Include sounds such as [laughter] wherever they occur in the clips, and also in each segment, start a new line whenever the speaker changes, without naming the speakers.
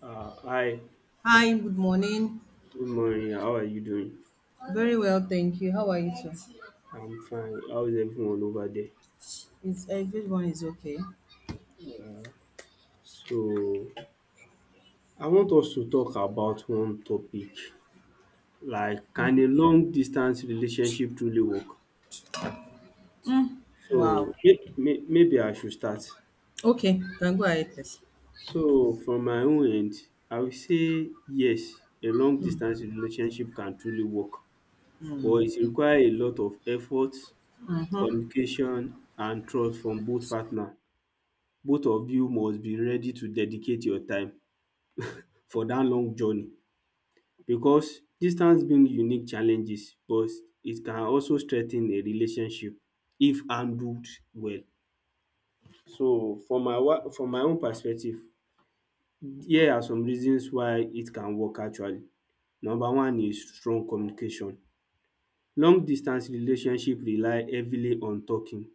Hi,
Hi, good morning.
good morning. How are you doing?
Very well, thank you. How are you too?
I'm fine. How is everyone over there?
It's everyone is okay.
So, I want us to talk about one topic like, can a long distance relationship truly work? So,
Wow.
maybe I should start.
Okay, can go ahead, please.
So, from my own end, I will say yes, a long distance relationship can truly work,
Mm.
but it requires a lot of effort,
Mm-hmm.
communication, and trust from both partners. Both of you must be ready to dedicate your time for dat long journey because distance bring unique challenges but it can also strengthen a relationship if handled well. So for from my own perspective, here are some reasons why it can work actually. Number one is strong communication. Long distance relationship rely heavily on talking,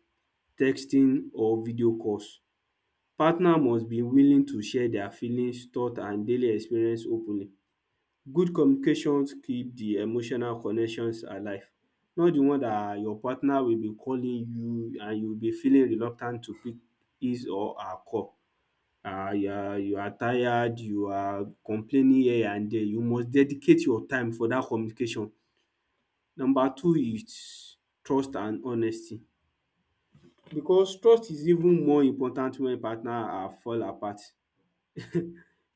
texting or video calls. Partner must be willing to share their feelings, thought and daily experience openly. Good communications keep the emotional connections alive. Not the one that your partner will be calling you and you will be feeling reluctant to pick his or her call. You are tired, you are complaining here and there. You must dedicate your time for dat communication. Number two is trust and honesty because trust is even more important when partner are fall apart. [laughs]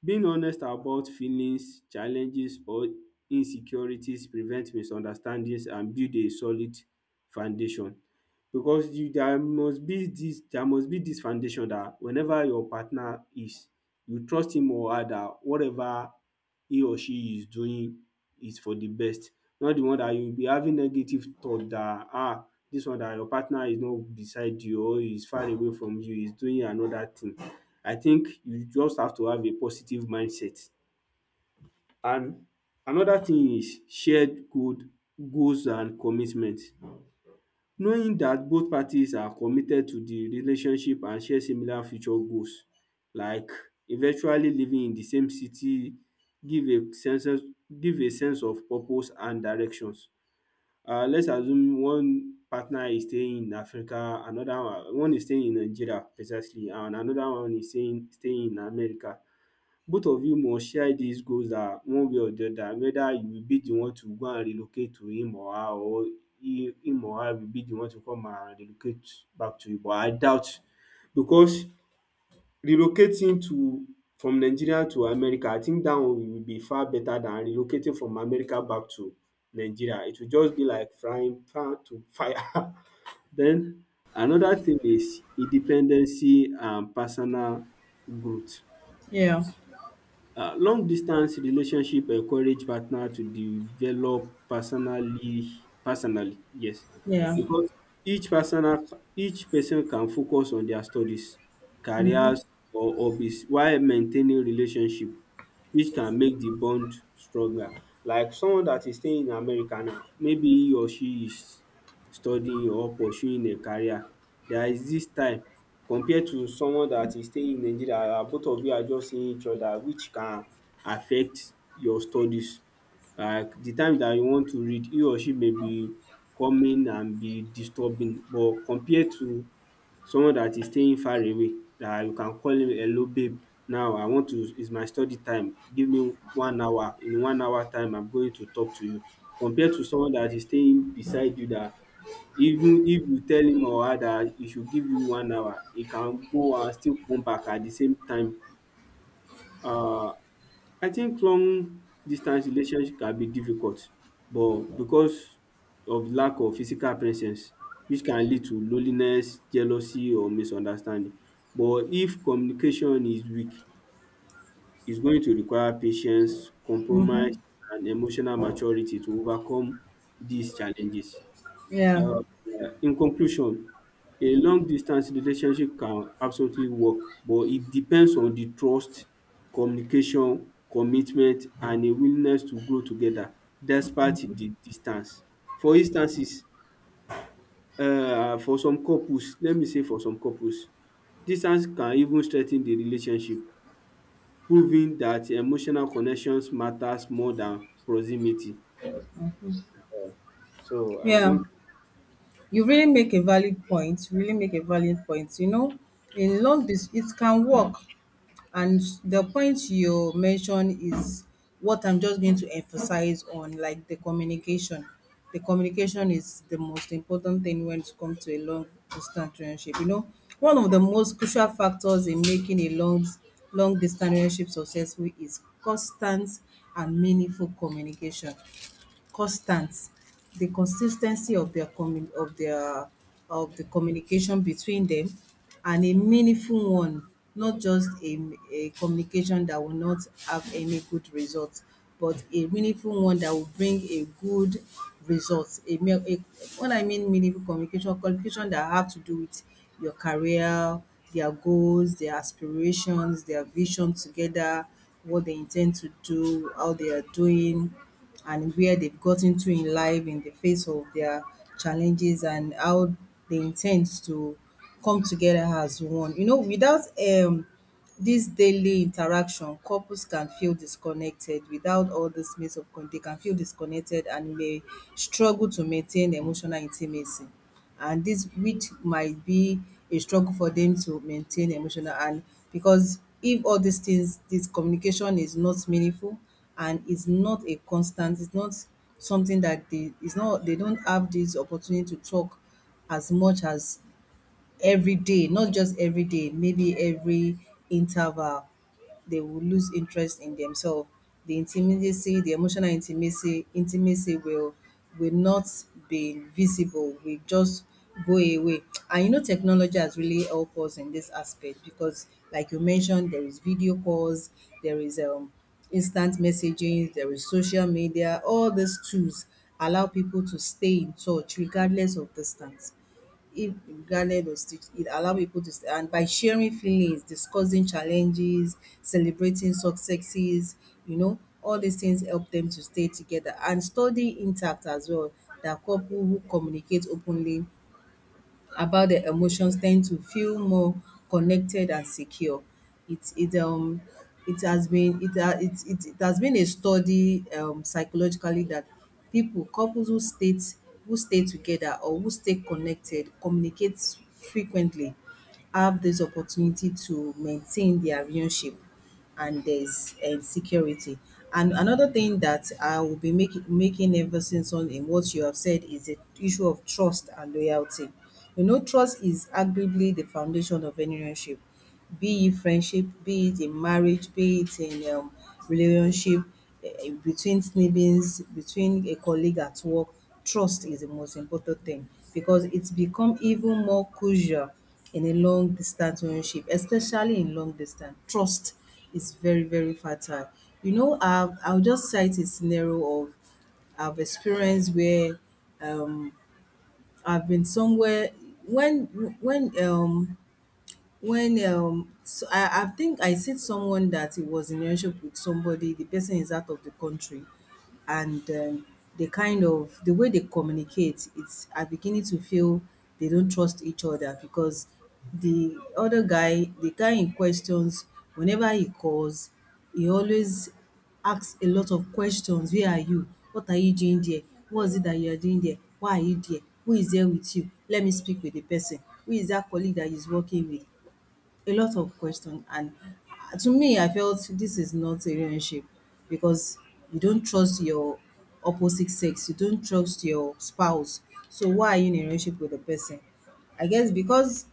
Being honest about feelings, challenges or insecurities prevent misunderstandings and build a solid foundation because you there must be dis foundation dat whenever your partner is, you trust him or her dat whatever he or she is doing is for the best. Not the one dat you be having negative thought dat dis one dat your partner is not beside you or is far away from you, is doing another thing. I think you just have to have a positive mindset. And another thing is shared good goals and commitment. Knowing that both parties are committed to the relationship and share similar future goals like eventually living in the same city give a sense of purpose and directions. Let's assume one partner is staying in Africa, another one is staying in Nigeria precisely and another one is staying in America. Both of you must share dis goals one way or the other whether you will be the one to go and relocate to him or her or him or her will be the one to come and relocate back to you but I doubt because relocating to from Nigeria to America I think dat one will be far better than relocating from America back to Nigeria. It will just be like frying pan to fire. [laughs] Then another thing is independency and personal growth.
Yeah,
Long distance relationship encourage partner to develop personally, yes,
yeah,
because each personal each person can focus on their studies, careers or hobbies while maintaining relationship which can make the bond stronger. Like someone that is staying in America now maybe he or she is studying or pursuing a career. There is this time compared to someone that is staying in Nigeria and both of you are just seeing each other which can affect your studies. Like the time that you want to read he or she may be coming and be disturbing but compared to someone that is staying far away that you can call him hello babe now I want to it's my study time give me 1 hour in 1 hour time I'm going to talk to you. Compared to someone that is staying beside you that even if you tell him or her that he should give you 1 hour, he can go and still come back at the same time. Uh, I think long distance relationship can be difficult, but because of lack of physical presence, which can lead to loneliness, jealousy, or misunderstanding. But if communication is weak, it's going to require patience, compromise,
mm-hmm.
and emotional maturity to overcome these challenges.
Yeah,
um, in conclusion, a long distance relationship can absolutely work, but it depends on the trust, communication, commitment, and a willingness to grow together despite the distance. For instances, for some couples, let me say for some couples, distance can even strengthen the relationship, proving that emotional connections matters more than proximity. So I
yeah.
think
You really make a valid point. You really make a valid point. In long dis it can work. And the point you mentioned is what I'm just going to emphasize on, like the communication. The communication is the most important thing when it comes to a long distance relationship. One of the most crucial factors in making a long distance relationship successful is constant and meaningful communication, constant, the consistency of their of the communication between them, and a meaningful one, not just a communication that will not have any good results, but a meaningful one that will bring a good result, a mere a what I mean, meaningful communication that have to do with your career, their goals, their aspirations, their vision together, what they intend to do, how they are doing, and where they've gotten to in life in the face of their challenges, and how they intend to come together as one. Without um this daily interaction, couples can feel disconnected. Without all this means of con, they can feel disconnected and may struggle to maintain emotional intimacy. And this which might be a struggle for them to maintain emotional, and because if all these things, this communication is not meaningful and it's not a constant, it's not something that they, it's not they don't have this opportunity to talk as much as every day, not just every day, maybe every interval, they will lose interest in themselves. The intimacy, the emotional intimacy, intimacy will not be visible. We just go away. And you know, technology has really helped us in this aspect because, like you mentioned, there is video calls, there is instant messaging, there is social media. All these tools allow people to stay in touch regardless of distance, if grounded or stitched it allow people to st- and by sharing feelings, discussing challenges, celebrating successes, you know, all these things help them to stay together and study intact as well. That couple who communicate openly about their emotions tend to feel more connected and secure. It it has been it ha it it it has been a study, psychologically, that people, couples who stay, who stay together or who stay connected, communicate frequently, have this opportunity to maintain their relationship, and there's security. And another thing that I will be making emphasis on in what you have said is the issue of trust and loyalty. You know, trust is arguably the foundation of any relationship, be it friendship, be it in marriage, be it in relationship, between siblings, between a colleague at work. Trust is the most important thing because it's become even more crucial in a long distance relationship. Especially in long distance, trust is very, very fertile. You know, I'll just cite a scenario of I've experienced where, um, I've been somewhere when when um so I think I see someone that it was in a relationship with somebody, the person is out of the country, and the kind of the way they communicate, it's I'm beginning to feel they don't trust each other, because the other guy, the guy in questions, whenever he calls, he always asks a lot of questions. Where are you? What are you doing there? What is it that you are doing there? Why are you there? Who is there with you? Let me speak with the person. Who is that colleague that he's working with? A lot of question. And to me, I felt this is not a relationship because you don't trust your opposite sex, you don't trust your spouse. So why are you in a relationship with a person? I guess because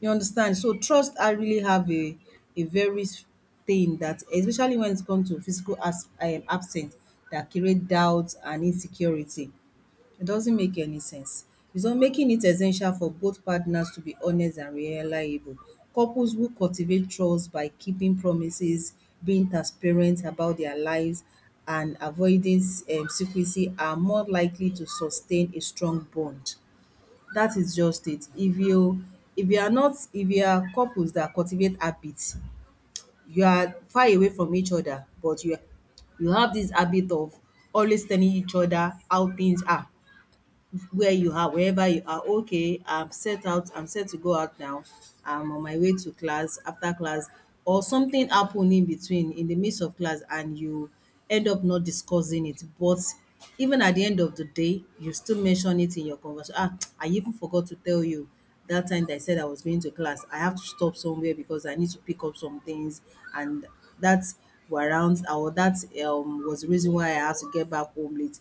you understand. So trust, I really have a very s- thing that, especially when it comes to physical as absence, that create doubt and insecurity. It doesn't make any sense. So making it essential for both partners to be honest and reliable. Couples who cultivate trust by keeping promises, being transparent about their lives, and avoiding secrecy are more likely to sustain a strong bond. That is just it. If you, if you are not, if you are couples that cultivate habits, you are far away from each other, but you have this habit of always telling each other how things are. Where you are, wherever you are, okay, I'm set out, I'm set to go out now. I'm on my way to class, after class, or something happened in between, in the midst of class, and you end up not discussing it. But even at the end of the day, you still mention it in your conversation. Ah, [tsk] I even forgot to tell you that time that I said I was going to class. I have to stop somewhere because I need to pick up some things, and that were around or that was the reason why I had to get back home late.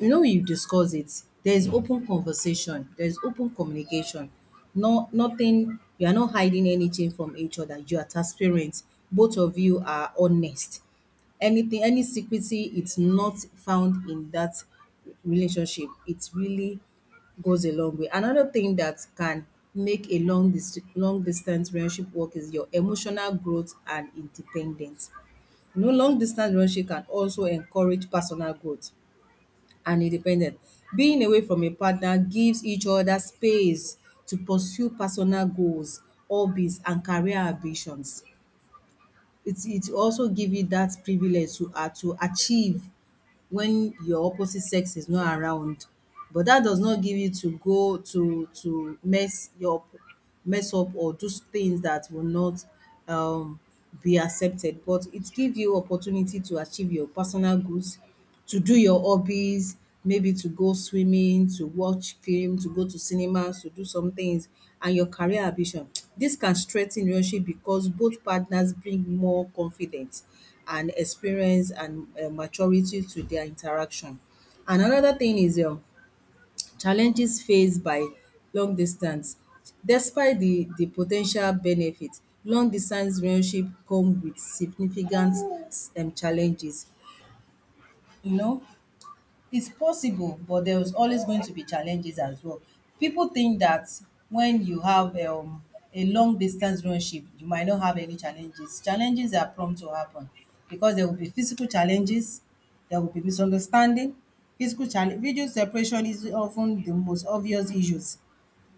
No, you discuss it. There is open conversation. There is open communication. No, nothing. You are not hiding anything from each other. You are transparent. Both of you are honest. Anything, any secrecy, it's not found in that relationship. It really goes a long way. Another thing that can make a long dis long distance relationship work is your emotional growth and independence. You know, long distance relationship can also encourage personal growth and independent. Being away from a partner gives each other space to pursue personal goals, hobbies, and career ambitions. It also give you that privilege to ah to achieve when your opposite sex is not around, but that does not give you to go to mess your mess up or do things that will not um be accepted, but it give you opportunity to achieve your personal goals, to do your hobbies, maybe to go swimming, to watch film, to go to cinemas, to do some things, and your career ambition. This can strengthen relationship because both partners bring more confidence and experience and maturity to their interaction. And another thing is challenges faced by long distance. Despite the po ten tial benefit, long distance relationship come with significant challenges, you know. It's possible, but there is always going to be challenges as well. People think that when you have a long distance relationship, you might not have any challenges. Challenges are prompt to happen because there will be physical challenges, there will be misunderstanding. Physical challenge, video separation is often the most obvious issues.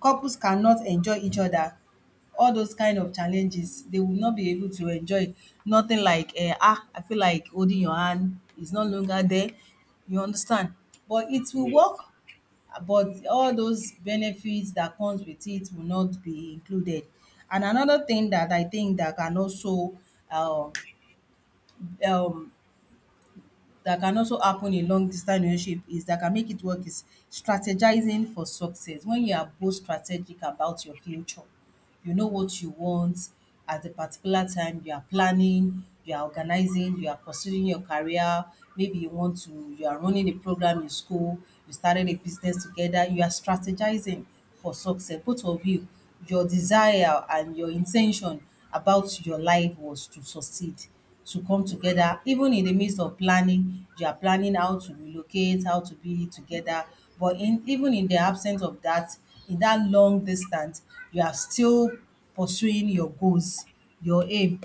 Couples cannot enjoy each other, all those kind of challenges, they will not be able to enjoy, nothing like, eh, ah, I feel like holding your hand is no longer there. You understand? But it will work,
yes.
but all those benefits that comes with it will not be included. And another thing that I think um um that can also happen in long distance relationship is that can make it work is strategizing for success. When you are both strategic about your future, you know what you want at a particular time, you are planning, you are organizing, you are pursuing your career, maybe you want to, you are running a program in school, you started a business together, you are strategizing for success. Both of you, your desire and your intention about your life was to succeed, to come together. Even in the midst of planning, you are planning how to relocate, how to be together. But in even in the absence of that, in that long distance, you are still pursuing your goals, your aim.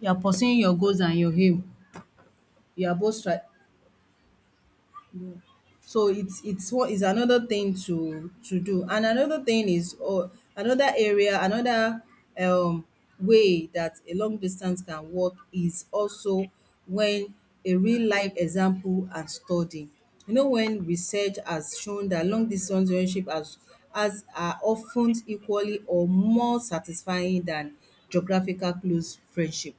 You are pursuing your goals and your aim. You are both stri. So it's what is another thing to do. And another thing is, or another area, another um way that a long distance can work, is also when a real life example and study. You know when research has shown that long distance relationship as are often equally or more satisfying than geographical close friendship,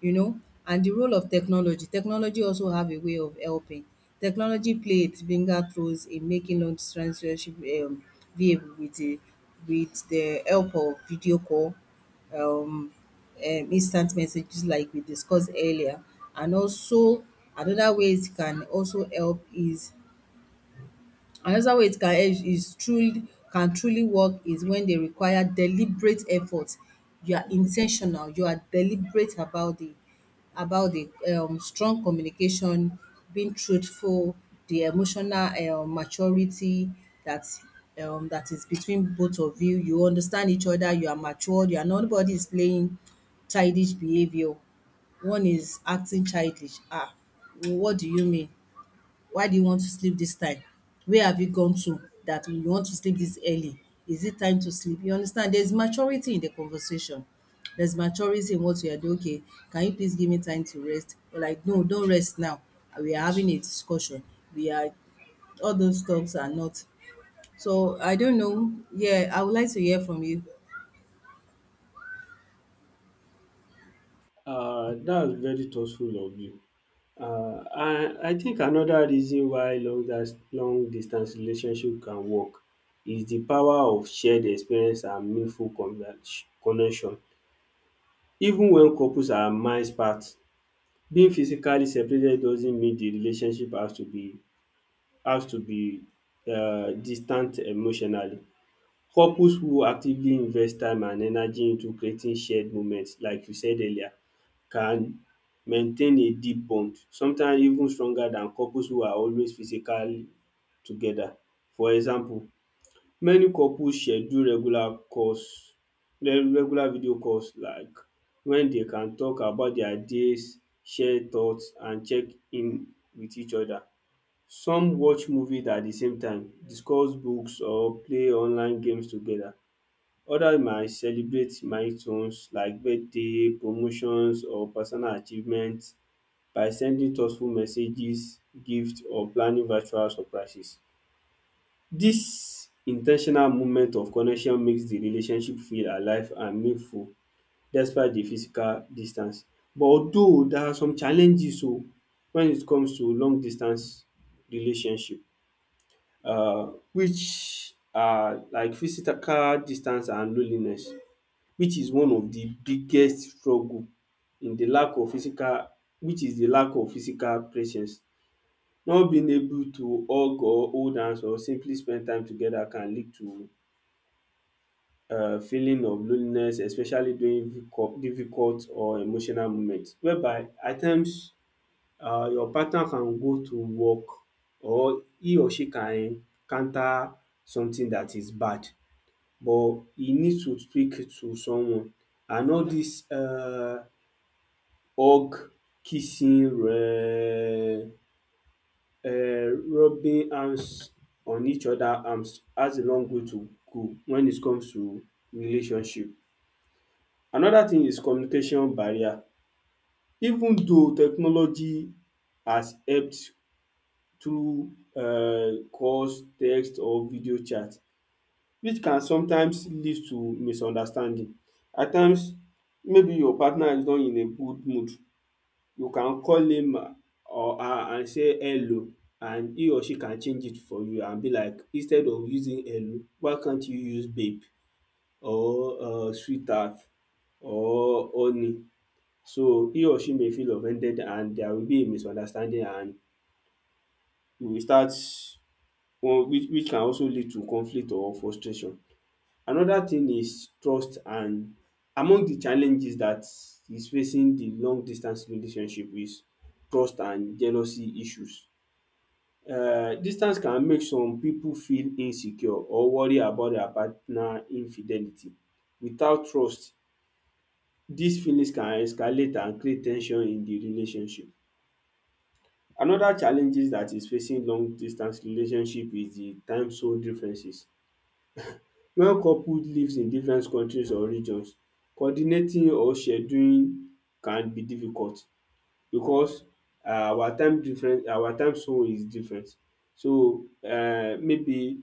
you know. And the role of technology. Technology also have a way of helping. Technology play its fingerprints in making long distance relationship viable with the help of video call, um um instant messages like we discussed earlier. And also another way it can also help is, another way it can help is truly can truly work, is when they require deliberate effort. You are intentional. You are deliberate about the strong communication, being truthful, the emotional maturity that that is between both of you. You understand each other, you are matured, you are nobody is playing childish behaviour. One is acting childish. What do you mean? Why do you want to sleep this time? Where have you gone to that you want to sleep this early? Is it time to sleep? You understand? There's maturity in the conversation. There's maturity in what you are doing. Okay, can you please give me time to rest? You're like, no, don't rest now. We are having a discussion. We are all those talks are not. So I don't know. Yeah, I would like to hear from you.
That's very thoughtful of you. I think another reason why long distance relationship can work is the power of shared experience and meaningful connection. Even when couples are miles apart, being physically separated doesn't mean the relationship has to be distant emotionally. Couples who actively invest time and energy into creating shared moments like you said earlier can maintain a deep bond, sometimes even stronger than couples who are always physically together. For example, many couples schedule regular calls, regular video calls, like when they can talk about their days, share thoughts and check in with each other. Some watch movies at the same time, discuss books or play online games together. Others might celebrate milestones like birthday, promotions or personal achievements by sending thoughtful messages, gifts or planning virtual surprises. Dis in ten tional moment of connection makes the relationship feel alive and meaningful despite the physical distance. But although there are some challenges when it comes to long distance relationship, which are like physical distance and loneliness, which is one of the biggest struggle, in the lack of physical which is the lack of physical presence. Not being able to hug or hold hands or simply spend time together can lead to feeling of loneliness, especially during difficult or emotional moment whereby at times your partner can go to work or he or she can encounter something that is bad but he needs to speak to someone and all dis Og Kissingerö, rubbing hands on each other arms has a long way to go when it comes to relationship. Another thing is communication barrier. Even though technology has helped through calls, text or video chat, which can sometimes lead to misunderstanding. At times maybe your partner is not in a good mood, you can call him or her and say hello and he or she can change it for you and be like, instead of using hello why can't you use babe or sweetheart or honey, so he or she may feel offended and there will be a misunderstanding and you will start well, which can also lead to conflict or frustration. Another thing is trust and among the challenges that is facing the long distance relationship is trust and jealousy issues. Distance can make some people feel insecure or worry about their partner infidelity. Without trust, these feelings can escalate and create ten sion in the relationship. Another challenges that is facing long distance relationship is the time zone differences. When couple lives in different countries or regions, coordinating or scheduling can be difficult because our time zone is different. So maybe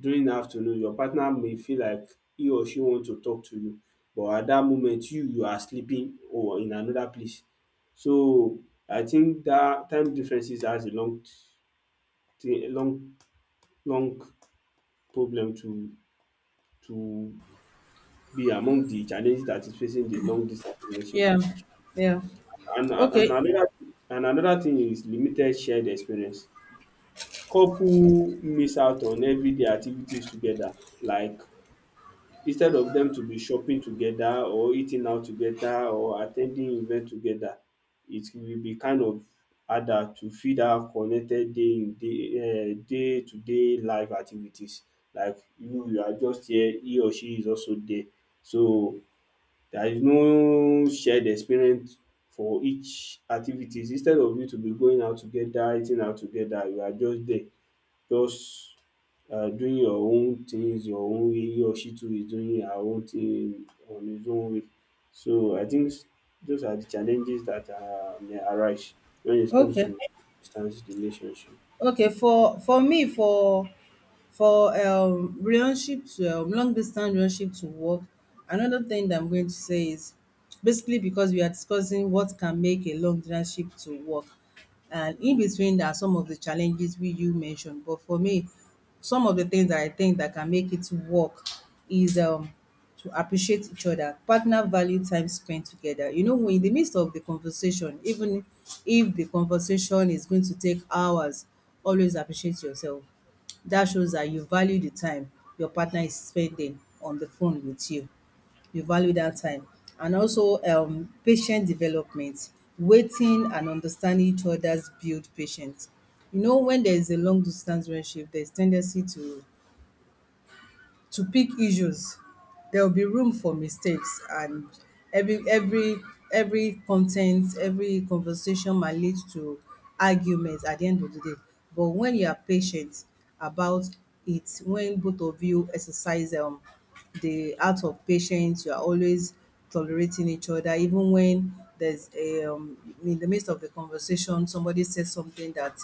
during the afternoon your partner may feel like he or she want to talk to you but at that moment you are sleeping or in another place. So I think that time differences has a long a long problem to be among the challenges that is facing the long distance
Yeah,
relationship.
yeah.
And and
Okay,
another and another thing is limited shared experience. Couple miss out on everyday activities together like instead of dem to be shopping together or eating out together or at ten ding event together, it will be kind of harder to fit have connected day in day day to day life activities like you are just here, he or she is also there. So there is no shared experience for each activities instead of you to be going out together eating out together you are just there just doing your own things your own way, he or she too is doing her own thing on his own way. So I think those are the challenges that may arise when it comes
okay.
to distance relationship.
Okay, for me, for relationship to long distance relationship to work, another thing that I'm going to say is basically because we are discussing what can make a long distance relationship to work. And in between there are some of the challenges we you mentioned. But for me, some of the things that I think that can make it work is to appreciate each other. Partner value time spent together. You know, in the midst of the conversation, even if the conversation is going to take hours, always appreciate yourself. That shows that you value the time your partner is spending on the phone with you, you value that time. And also patient development, waiting and understanding each other's build patience. You know, when there is a long distance relationship, there's tendency to pick issues. There will be room for mistakes and every every content, every conversation might lead to argument at the end of the day. But when you are patient about it, when both of you exercise the art of patience, you are always tolerating each other, even when there's a in the midst of the conversation, somebody says something that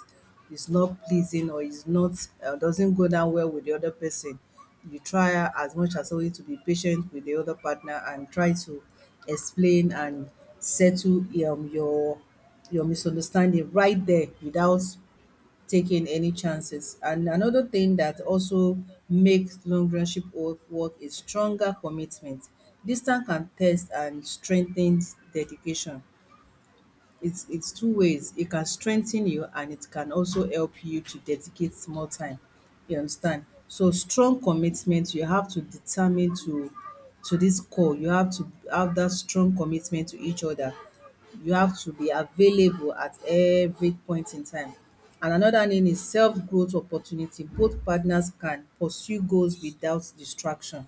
is not pleasing or is not doesn't go down well with the other person. You try as much as always to be patient with the other partner and try to explain and settle um, your your misunderstanding right there without taking any chances. And another thing that also makes long relationship work is stronger commitment. Distance can test and strengthen dedication. It's two ways. It can strengthen you and it can also help you to dedicate more time. You understand? So strong commitment, you have to determine to this call. You have to have that strong commitment to each other. You have to be available at every point in time. And another thing is self growth opportunity. Both partners can pursue goals without distraction.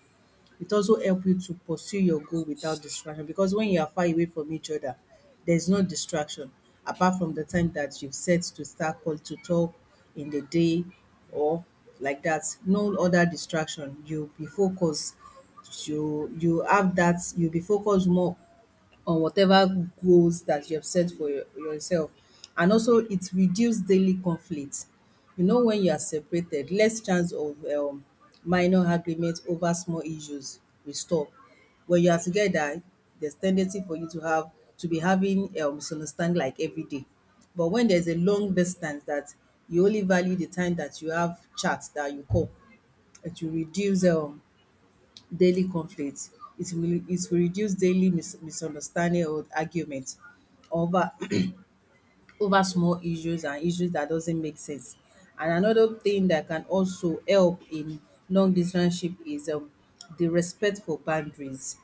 It also help you to pursue your goal without distraction because when you are far away from each other there's no distraction apart from the time that you've set to start call to talk in the day or like that, no other distraction. You'll be focused, you have that, you'll be focused more on whatever goals that you have set for yourself. And also it reduces daily conflict. You know, when you are separated, less chance of minor arguments over small issues will stop. When you are together, there's tendency for you to have to be having misunderstanding like every day. But when there's a long distance that you only value the time that you have chat that you call, it will reduce daily conflicts. It will reduce daily misunderstanding or argument, however, over small issues and issues that doesn't make sense. And another thing that can also help in long distance ship is the respect for boundaries.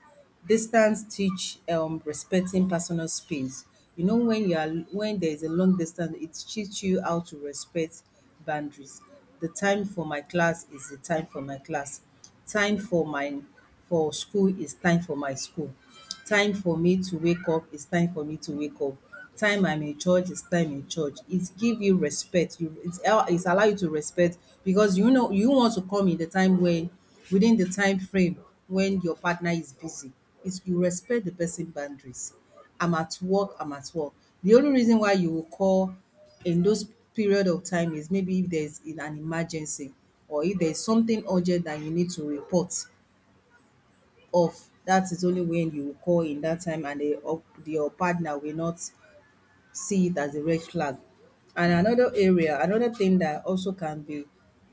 Distance teach respecting personal space. You know, when you are when there is a long distance, it teach you how to respect boundaries. The time for my class is the time for my class. Time for my for school is time for my school. Time for me to wake up is time for me to wake up. Time I'm in church is time in church. It give you respect you, it allow you to respect because you know you want to come in the time when within the time frame when your partner is busy. It's you respect the person boundaries. I'm at work, the only reason why you will call in those period of time is maybe if there's in an emergency or if there's something urgent that you need to report off. That is only when you call in that time and the up your partner will not see it as a red flag. And another area, another thing that also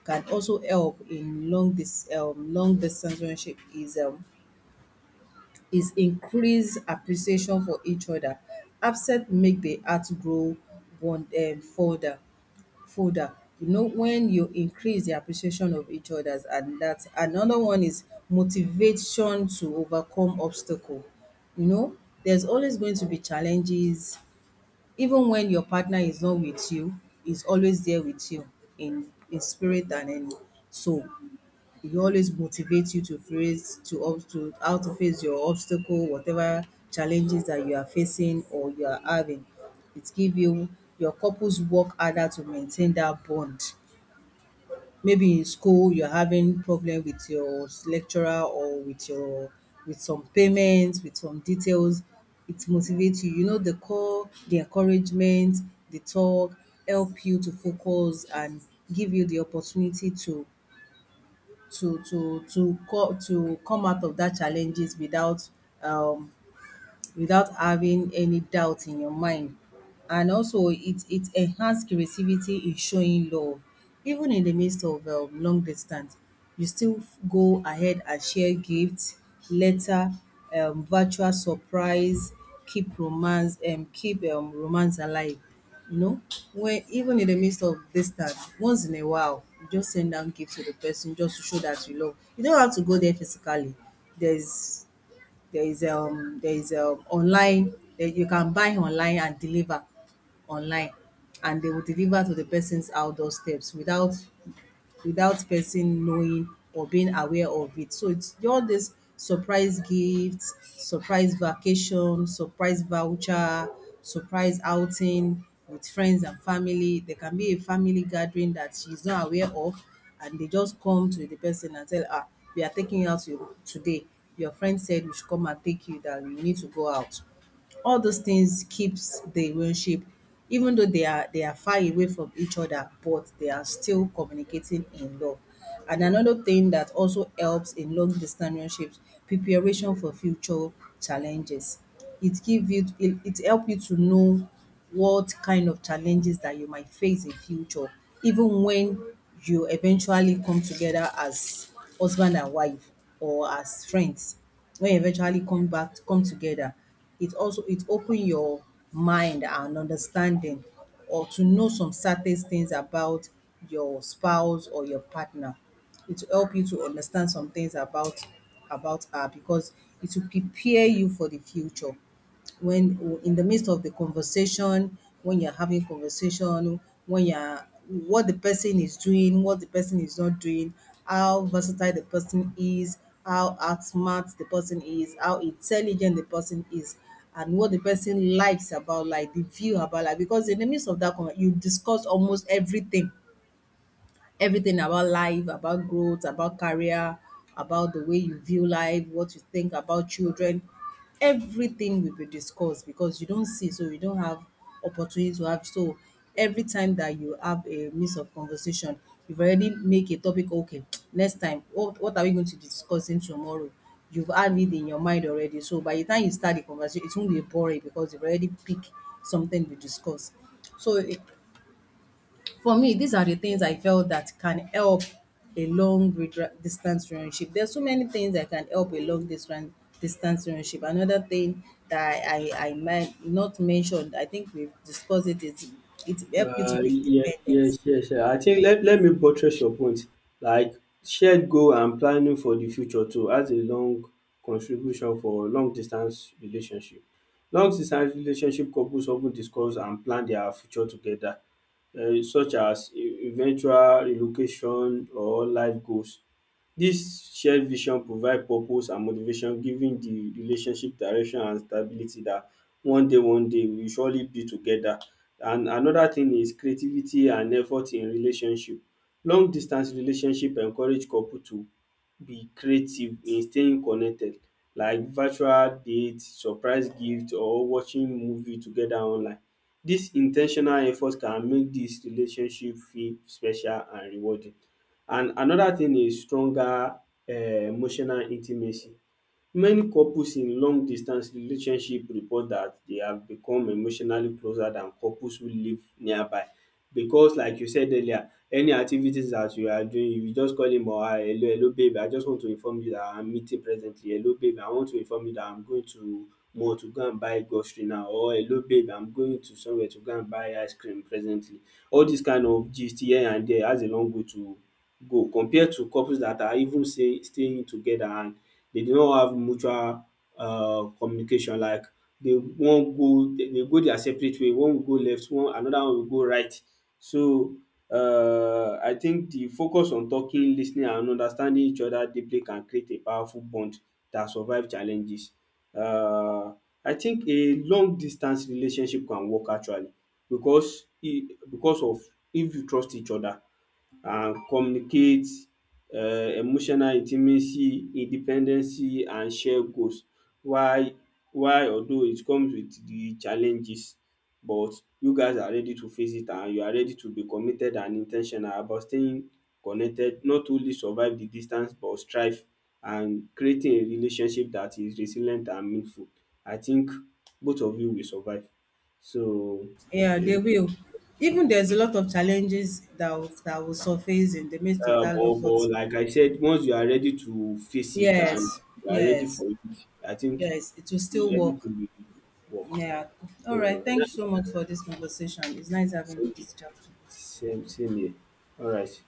can also help in long dis long distance relationship is increase appreciation for each other. Upset make the heart grow bond further folder. You know, when you increase the appreciation of each others, and that another one is motivation to overcome obstacle. You know, there's always going to be challenges. Even when your partner is not with you, is always there with you in spirit and in soul. It will always motivate you to face to up to how to face your obstacle, whatever challenges that you are facing or you are having. It give you your couples work harder to maintain that bond. Maybe in school you're having problem with your lecturer or with your with some payments, with some details, it motivates you. You know, the call, the encouragement, the talk help you to focus and give you the opportunity to come out of that challenges without um without having any doubt in your mind. And also it enhances creativity in showing love. Even in the midst of long distance, you still go ahead and share gifts, letter, virtual surprise, keep romance alive. You know, when even in the midst of distance, once in a while, you just send down gifts to the person just to show that you love. You don't have to go there physically. There's there is online that you can buy online and deliver online, and they will deliver to the person's outdoor steps without without person knowing or being aware of it. So it's all this surprise gifts, surprise vacation, surprise voucher, surprise outing with friends and family. There can be a family gathering that she's not aware of and they just come to the person and tell her, we are taking you today. Your friend said we should come and take you, that we need to go out. All those things keeps the relationship. Even though they are far away from each other, but they are still communicating in love. And another thing that also helps in long distance relationships, preparation for future challenges. It give you it it help you to know what kind of challenges that you might face in future, even when you eventually come together as husband and wife or as friends. When you eventually come together, it also it open your mind and understanding or to know some certain things about your spouse or your partner. It will help you to understand some things about her because it will prepare you for the future when in the midst of the conversation, when you're having conversation, when you're what the person is doing, what the person is not doing, how versatile the person is, how outsmart the person is, how intelligent the person is, and what the person likes about like the view about life. Because in the midst of that, you discuss almost everything, everything about life, about growth, about career, about the way you view life, what you think about children. Everything will be discussed because you don't see, so you don't have opportunity to have. So every time that you have a mix of conversation, you've already make a topic, okay, next time, what are we going to be discussing tomorrow? You've had it in your mind already. So by the time you start the conversation, it won't be boring because you've already picked something to discuss. So for me, these are the things I felt that can help a distance relationship. There's so many things that can help a long distance distance relationship. Another thing that I might not mentioned, I think we've discussed it, is it help you to be
Yeah,
independent.
yes, yes, yeah. I think, let me buttress your point. Like shared goal and planning for the future too as a long contribution for long distance relationship. Long distance relationship couples often discuss and plan their future together, such as eventual relocation or life goals. Dis shared vision provide purpose and motivation, giving de relationship direction and stability dat one day we will surely be together. And another thing is creativity and effort in relationship. Long distance relationship encourage couple to be creative in staying connected like virtual date, surprise gift or watching movie together online. Dis in ten tional effort can make dis relationship feel special and rewarding. And another thing is stronger emotional intimacy. Many couples in long distance relationship report dat they have become emotionally closer than couples who live nearby because, like you said earlier, any activities dat you are doing you just call him or her, hello babe I just want to inform you dat I'm meeting presently, hello babe I want to inform you dat I'm going to mall to go and buy grocery now, or hello babe I'm going to somewhere to go and buy ice cream presently. All dis kind of gist here and there has a long way to go compare to couples dat are even say staying together and they do not have mutual communication, like they won't go they go their separate way, one will go left, One another one will go right. So I think the focus on talking, listening, and understanding each other deeply can create a powerful bond that survive challenges. Uh, I think a long distance relationship can work actually because e because of, if you trust each other and communicate emotional intimacy, independency and shared goals, while while although it comes with the challenges, but you guys are ready to face it and you are ready to be committed and in ten tional about staying connected, not only survive the distance but thrive and creating a relationship that is resilient and meaningful. I think both of you will survive. So
Yeah, they
is
will. Even there's a lot of challenges that will surface in the midst of that love,
But
but
like I said, once you are ready to face it and
yes,
you are ready
yes,
for it, I think
yes, it will still work.
everything will work.
Yeah.
So
All right.
and
Thanks
that's
so much for this conversation. It's nice having
same,
this chat.
same, same here. All right.